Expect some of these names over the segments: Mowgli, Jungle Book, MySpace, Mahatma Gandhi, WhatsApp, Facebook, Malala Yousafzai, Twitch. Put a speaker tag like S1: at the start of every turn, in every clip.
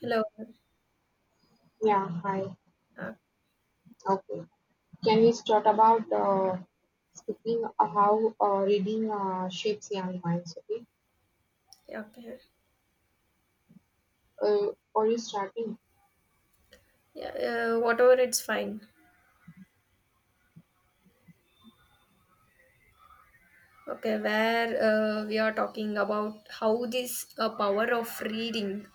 S1: Hello.
S2: Yeah, hi.
S1: Ah,
S2: Okay. Can we start about speaking of how reading shapes young minds? Okay.
S1: yeah, okay.
S2: Are you starting?
S1: Yeah, whatever, it's fine. Okay, where we are talking about how this power of reading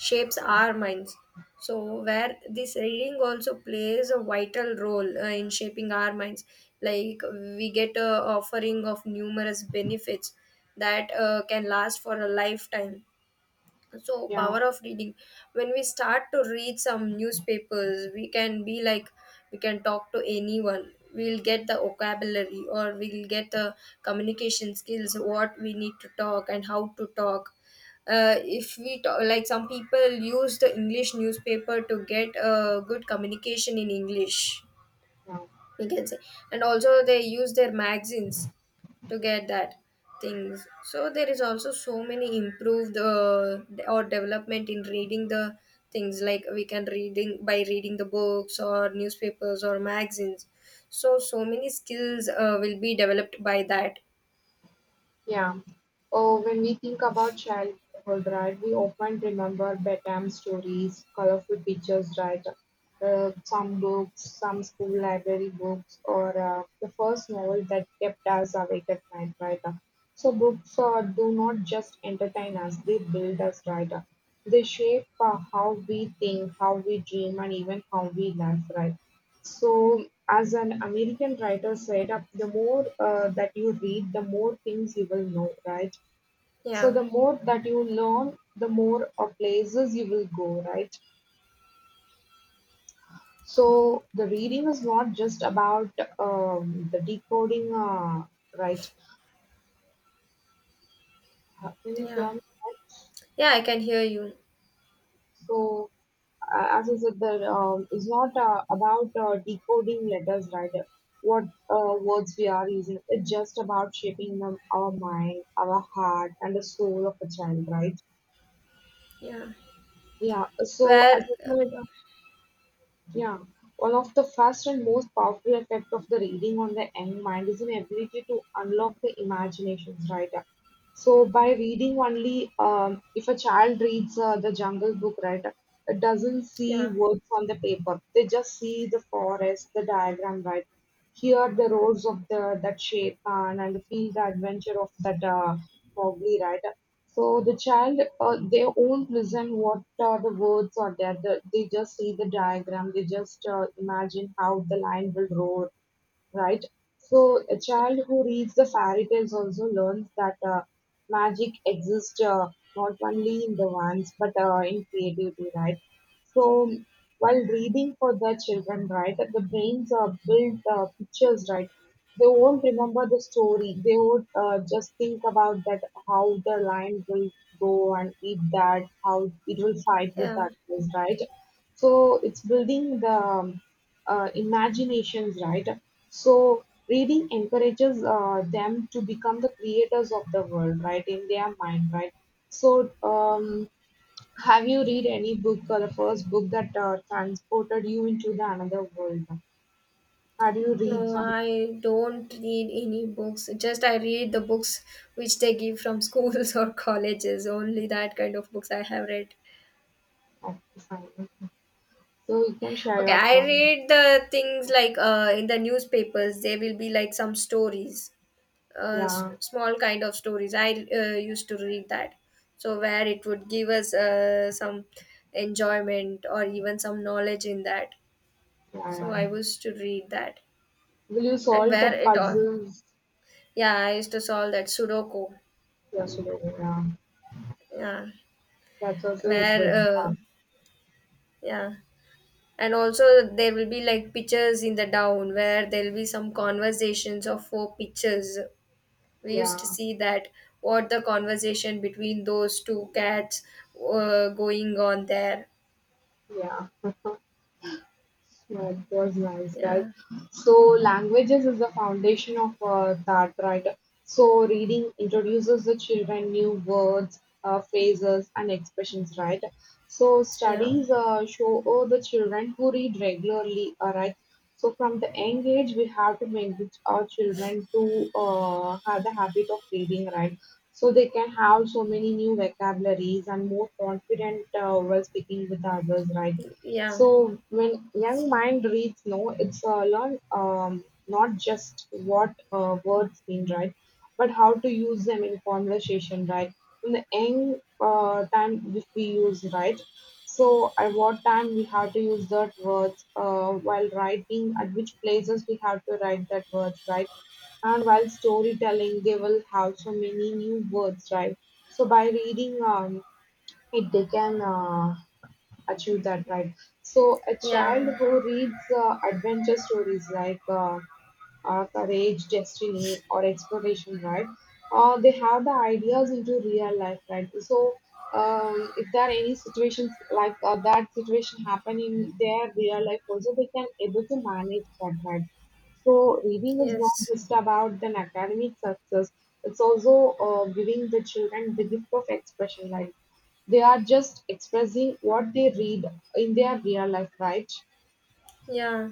S1: shapes our minds. So, where this reading also plays a vital role in shaping our minds. Like, we get a offering of numerous benefits that can last for a lifetime, so
S2: Yeah,
S1: power of reading, when we start to read some newspapers, we can be like, we can talk to anyone, we'll get the vocabulary or we'll get the communication skills what we need to talk and how to talk. If we talk, like some people use the english newspaper to get a good communication in english,
S2: yeah.
S1: we can say. And also they use their magazines to get that things. So there is also so many improved or development in reading the things, like we can reading by reading the books or newspapers or magazines. So so many skills will be developed by that.
S2: Yeah. Oh, when we think about childhood, right, we often remember bedtime stories, colorful pictures, right? Some books, some school library books, or the first novel that kept us awake at night, right? So, books do not just entertain us, they build us, right? They shape how we think, how we dream, and even how we laugh, right? So, as an American writer said, the more that you read, the more things you will know, right? So,
S1: Yeah.
S2: the more that you learn, the more places you will go, right? So, the reading is not just about the decoding, right? Can you
S1: yeah
S2: hear me?
S1: yeah I can hear you.
S2: So, as I said, that is not about decoding letters, right? What words we are using. It's just about shaping them, our mind, our heart, and the soul of a child, right?
S1: Yeah,
S2: Yeah. So, as
S1: where,
S2: I said, yeah, one of the first and most powerful effect of the reading on the young mind is an ability to unlock the imaginations, right? So by reading only, if a child reads the Jungle Book, right, it doesn't see
S1: yeah
S2: words on the paper. They just see the forest, the diagram, right? Hear the roars of the that shape and feel the adventure of that Mowgli, right? So the child, they won't listen what the words are there. They just see the diagram. They just imagine how the lion will roar, right? So a child who reads the fairy tales also learns that magic exists not only in the ones but in creativity, right? So while reading for the children, right, that the brains are build pictures, right? They won't remember the story. They would just think about that how the lion will go and eat that, how it will fight with
S1: yeah,
S2: that, right? So it's building the imaginations, right? So reading encourages them to become the creators of the world, right, in their mind, right? So have you read any book or the first book that transported you into the another world? Had you
S1: no,
S2: read something?
S1: I don't read any books. Just I read the books which they give from schools or colleges. Only that kind of books I have read.
S2: Okay, fine. Okay. So you can share
S1: Okay,
S2: your
S1: I
S2: points.
S1: read the things like in the newspapers, there will be like some stories,
S2: Yeah,
S1: small kind of stories. I used to read that. So, where it would give us some enjoyment or even some knowledge in that.
S2: yeah,
S1: So,
S2: yeah.
S1: I used to read that.
S2: Will you
S1: And
S2: solve
S1: where
S2: that
S1: it all,
S2: puzzles?
S1: yeah, I used to solve that Sudoku.
S2: Yes, you will, yeah.
S1: Yeah,
S2: That's also it was.
S1: where,
S2: uh,
S1: uh, yeah. And also, there will be like pictures in the down where there will be some conversations of four pictures. We used to
S2: Yeah,
S1: see that, what the conversation between those two cats going on there.
S2: yeah. Yeah, it was nice, right?
S1: Yeah.
S2: So, languages is the foundation of that, right? So, reading introduces the children new words, phrases, and expressions, right? So,
S1: Yeah.
S2: studies show all the children who read regularly, all right? So, from the young age, we have to make the- our children to have the habit of reading, right? So, they can have so many new vocabularies and more confident while speaking with others, right?
S1: Yeah.
S2: So when young mind reads no, it's learn not just what words mean, right, but how to use them in conversation, right? From the young time which we use, right? So at what time we have to use that words while writing, at which places we have to write that words, right? And while storytelling, they will have so many new words, right? So by reading, it they can. Achieve that right. So a child
S1: Yeah.
S2: who reads adventure stories like courage, destiny, or exploration, right? They have the ideas into real life, right? So, if there are any situations like that situation happen in their real life, also they can able to manage that, right? So, reading is not
S1: Yes.
S2: just about an academic success; it's also giving the children the gift of expression, right. They are just expressing what they read in their real life, right?
S1: Yeah,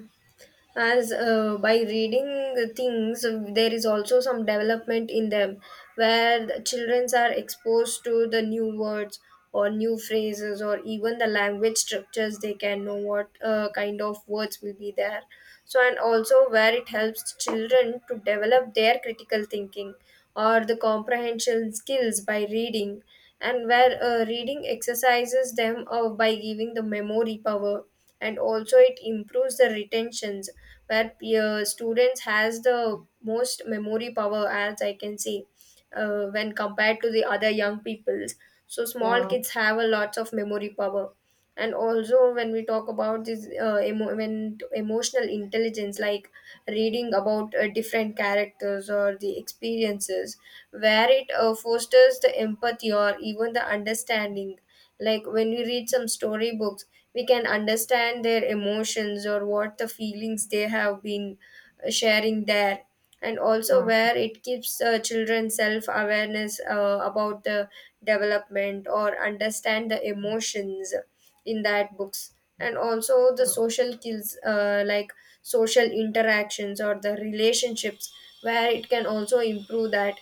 S1: as by reading things, there is also some development in them, where the children are exposed to the new words or new phrases or even the language structures. They can know what kind of words will be there. So, and also where it helps children to develop their critical thinking or the comprehension skills by reading. And where reading exercises them by giving the memory power, and also it improves the retentions, where students has the most memory power, as I can see, when compared to the other young peoples. So small
S2: Yeah,
S1: kids have a lots of memory power. And also when we talk about this emotional intelligence, like reading about different characters or the experiences, where it fosters the empathy or even the understanding. Like when we read some storybooks, we can understand their emotions or what the feelings they have been sharing there. And also,
S2: yeah,
S1: where it gives children self awareness about the development or understand the emotions in that books. And also, the
S2: yeah,
S1: social skills like social interactions or the relationships, where it can also improve that.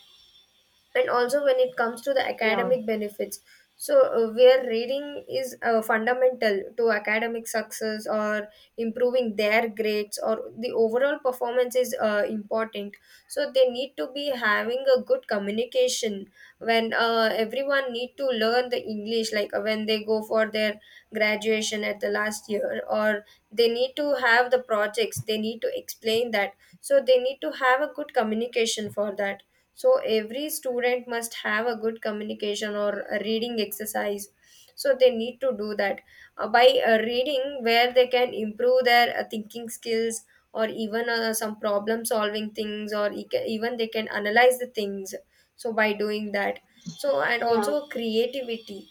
S1: And also when it comes to the
S2: yeah,
S1: academic benefits, so where reading is fundamental to academic success or improving their grades or the overall performance is important. So they need to be having a good communication. When everyone need to learn the english, like when they go for their graduation at the last year, or they need to have the projects they need to explain that, so they need to have a good communication for that. So every student must have a good communication or a reading exercise, so they need to do that. By reading, where they can improve their thinking skills or even some problem solving things, or even they can analyze the things, so by doing that. So and
S2: yeah,
S1: also creativity,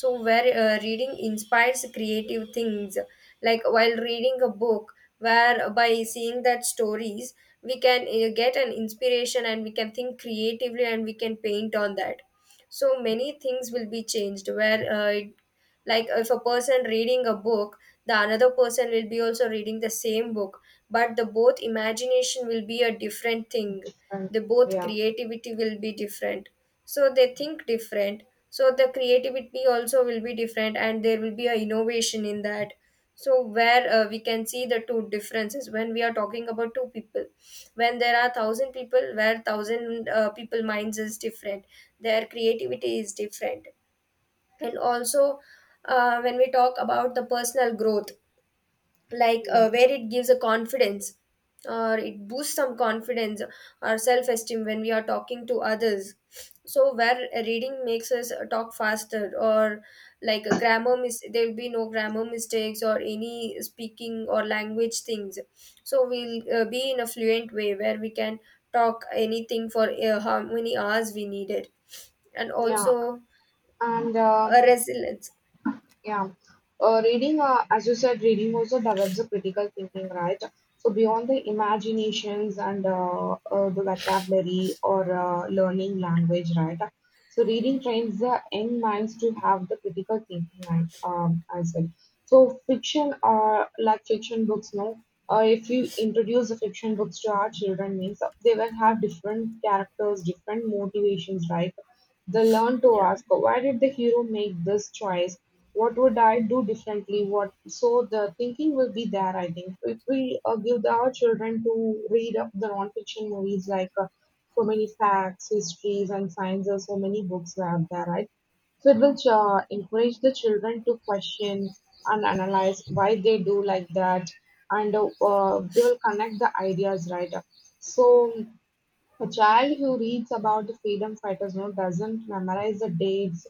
S1: so where reading inspires creative things. Like while reading a book, where by seeing that stories, we can get an inspiration and we can think creatively and we can paint on that. So many things will be changed, where like if a person reading a book, the another person will be also reading the same book, but the both imagination will be a different thing.
S2: different.
S1: The both
S2: Yeah,
S1: creativity will be different, so they think different. So the creativity also will be different and there will be a innovation in that. So where we can see the two differences when we are talking about two people. When there are thousand people, where thousand people minds is different, their creativity is different. And also, when we talk about the personal growth, like
S2: yeah.
S1: where it gives a confidence, or it boosts some confidence or self-esteem when we are talking to others. So where reading makes us talk faster, or like a there will be no grammar mistakes or any speaking or language things. So we'll be in a fluent way where we can talk anything for how many hours we needed. And
S2: Yeah.
S1: also
S2: And
S1: a resilience.
S2: yeah. Reading, as you said, reading also develops a critical thinking, right? So beyond the imaginations and the vocabulary or learning language, right? So reading trains the young minds to have the critical thinking, like as well. So fiction, like fiction books, no. If you introduce the fiction books to our children, means they will have different characters, different motivations, right? They learn to
S1: Yeah.
S2: ask, why did the hero make this choice? What would I do differently? What so the thinking will be there. I think if we give the- our children to read up the non-fiction movies like so many facts, histories, and sciences, so many books are there, right? So it will encourage the children to question and analyze why they do like that, and they will connect the ideas, right? So a child who reads about the freedom fighters now doesn't memorize the dates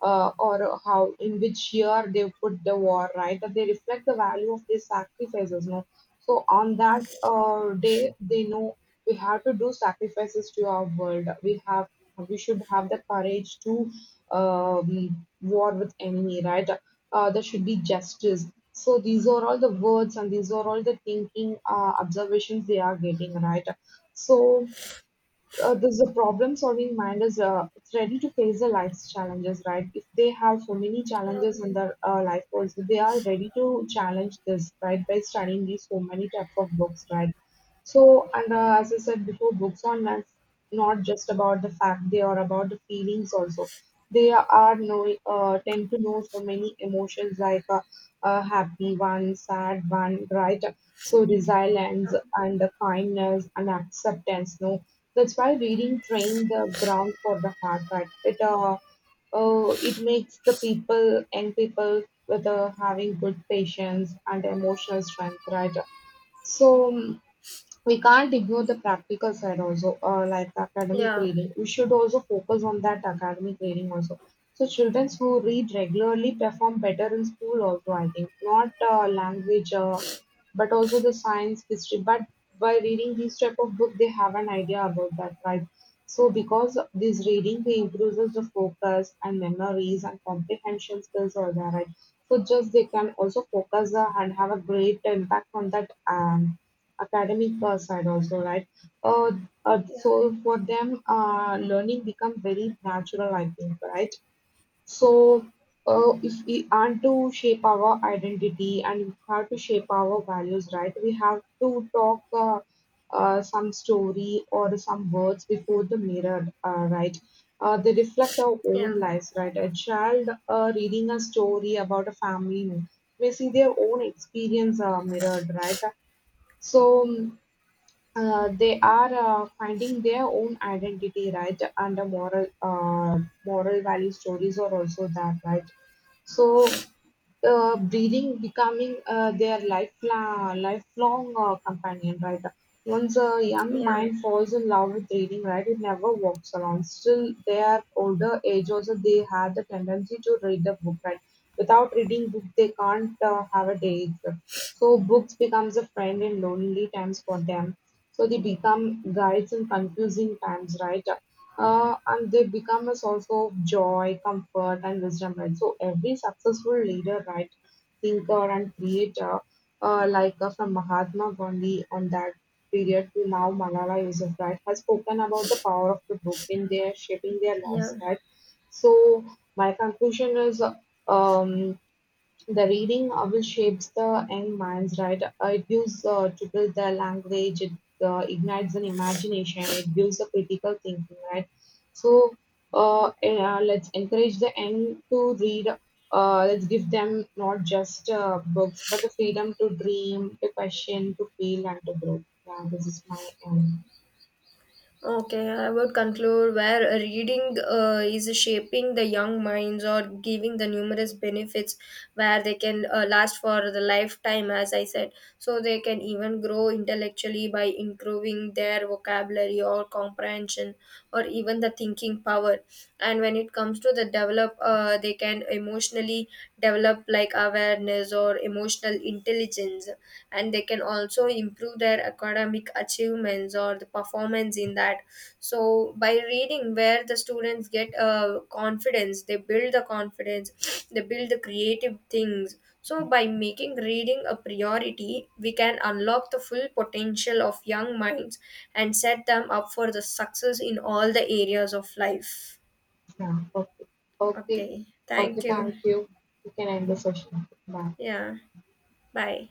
S2: or how in which year they put the war, right? That they reflect the value of their sacrifices now. So on that day, they know we have to do sacrifices to our world. We have we should have the courage to war with enemy, right? There should be justice. So these are all the words and these are all the thinking observations they are getting, right? So this the problem solving mind is it's ready to face the life's challenges, right? If they have so many challenges
S1: Um,
S2: in their life also, they are ready to challenge this, right, by studying these so many types of books, right? So and as I said before, books are not, not just about the fact, they are about the feelings also. They are know, tend to know so many emotions like happy one, sad one, right? So resilience and the kindness and acceptance, no, that's why reading train the ground for the heart, right? It it makes the people and people with having good patience and emotional strength, right? So we can't ignore the practical side also, like the academic
S1: yeah,
S2: reading. We should also focus on that academic reading also. So children who read regularly perform better in school also, I think. Not language, but also the science, history. But by reading these type of book, they have an idea about that, right? So because of this reading, they improves the focus and memories and comprehension skills are there, right? So just they can also focus and have a great impact on that academic side also, right? Uh,
S1: yeah,
S2: so for them, learning become very natural, I think, right? So, if we are to shape our identity and we have to shape our values, right? We have to talk some story or some words before the mirror, right? They reflect our own
S1: yeah,
S2: lives, right? A child reading a story about a family may see their own experience mirrored, right? So, they are finding their own identity, right? And the moral, moral value stories are also that, right? So breathing becoming their lifelong companion, right? Once a young
S1: yeah,
S2: mind falls in love with reading, right, it never walks alone. Still, their older age also they have the tendency to read the book, right? Without reading book, they can't have a day. Itself. So books becomes a friend in lonely times for them. So they become guides in confusing times, right? And they become a source of joy, comfort, and wisdom, right? So every successful leader, right, thinker and creator, like from Mahatma Gandhi on that period to now Malala Yousafzai, has spoken about the power of the book in their shaping their lives,
S1: yeah.
S2: right? So my conclusion is, um, the reading will shapes the young minds, right. It gives to build the language, it ignites an imagination, it gives a critical thinking, right? So let's encourage the young to read. Let's give them not just books, but the freedom to dream, to question, to feel, and to grow. Yeah, this is my end.
S1: Okay, I would conclude where reading is shaping the young minds or giving the numerous benefits, where they can last for the lifetime, as I said. So they can even grow intellectually by improving their vocabulary or comprehension or even the thinking power. And when it comes to the develop, they can emotionally develop like awareness or emotional intelligence, and they can also improve their academic achievements or the performance in that. So by reading, where the students get confidence, they build the confidence, they build the creative things. So by making reading a priority, we can unlock the full potential of young minds and set them up for the success in all the areas of life.
S2: Yeah, okay, okay,
S1: Okay, thank
S2: okay.
S1: you.
S2: Thank you. You can end the session. Bye.
S1: Yeah, bye.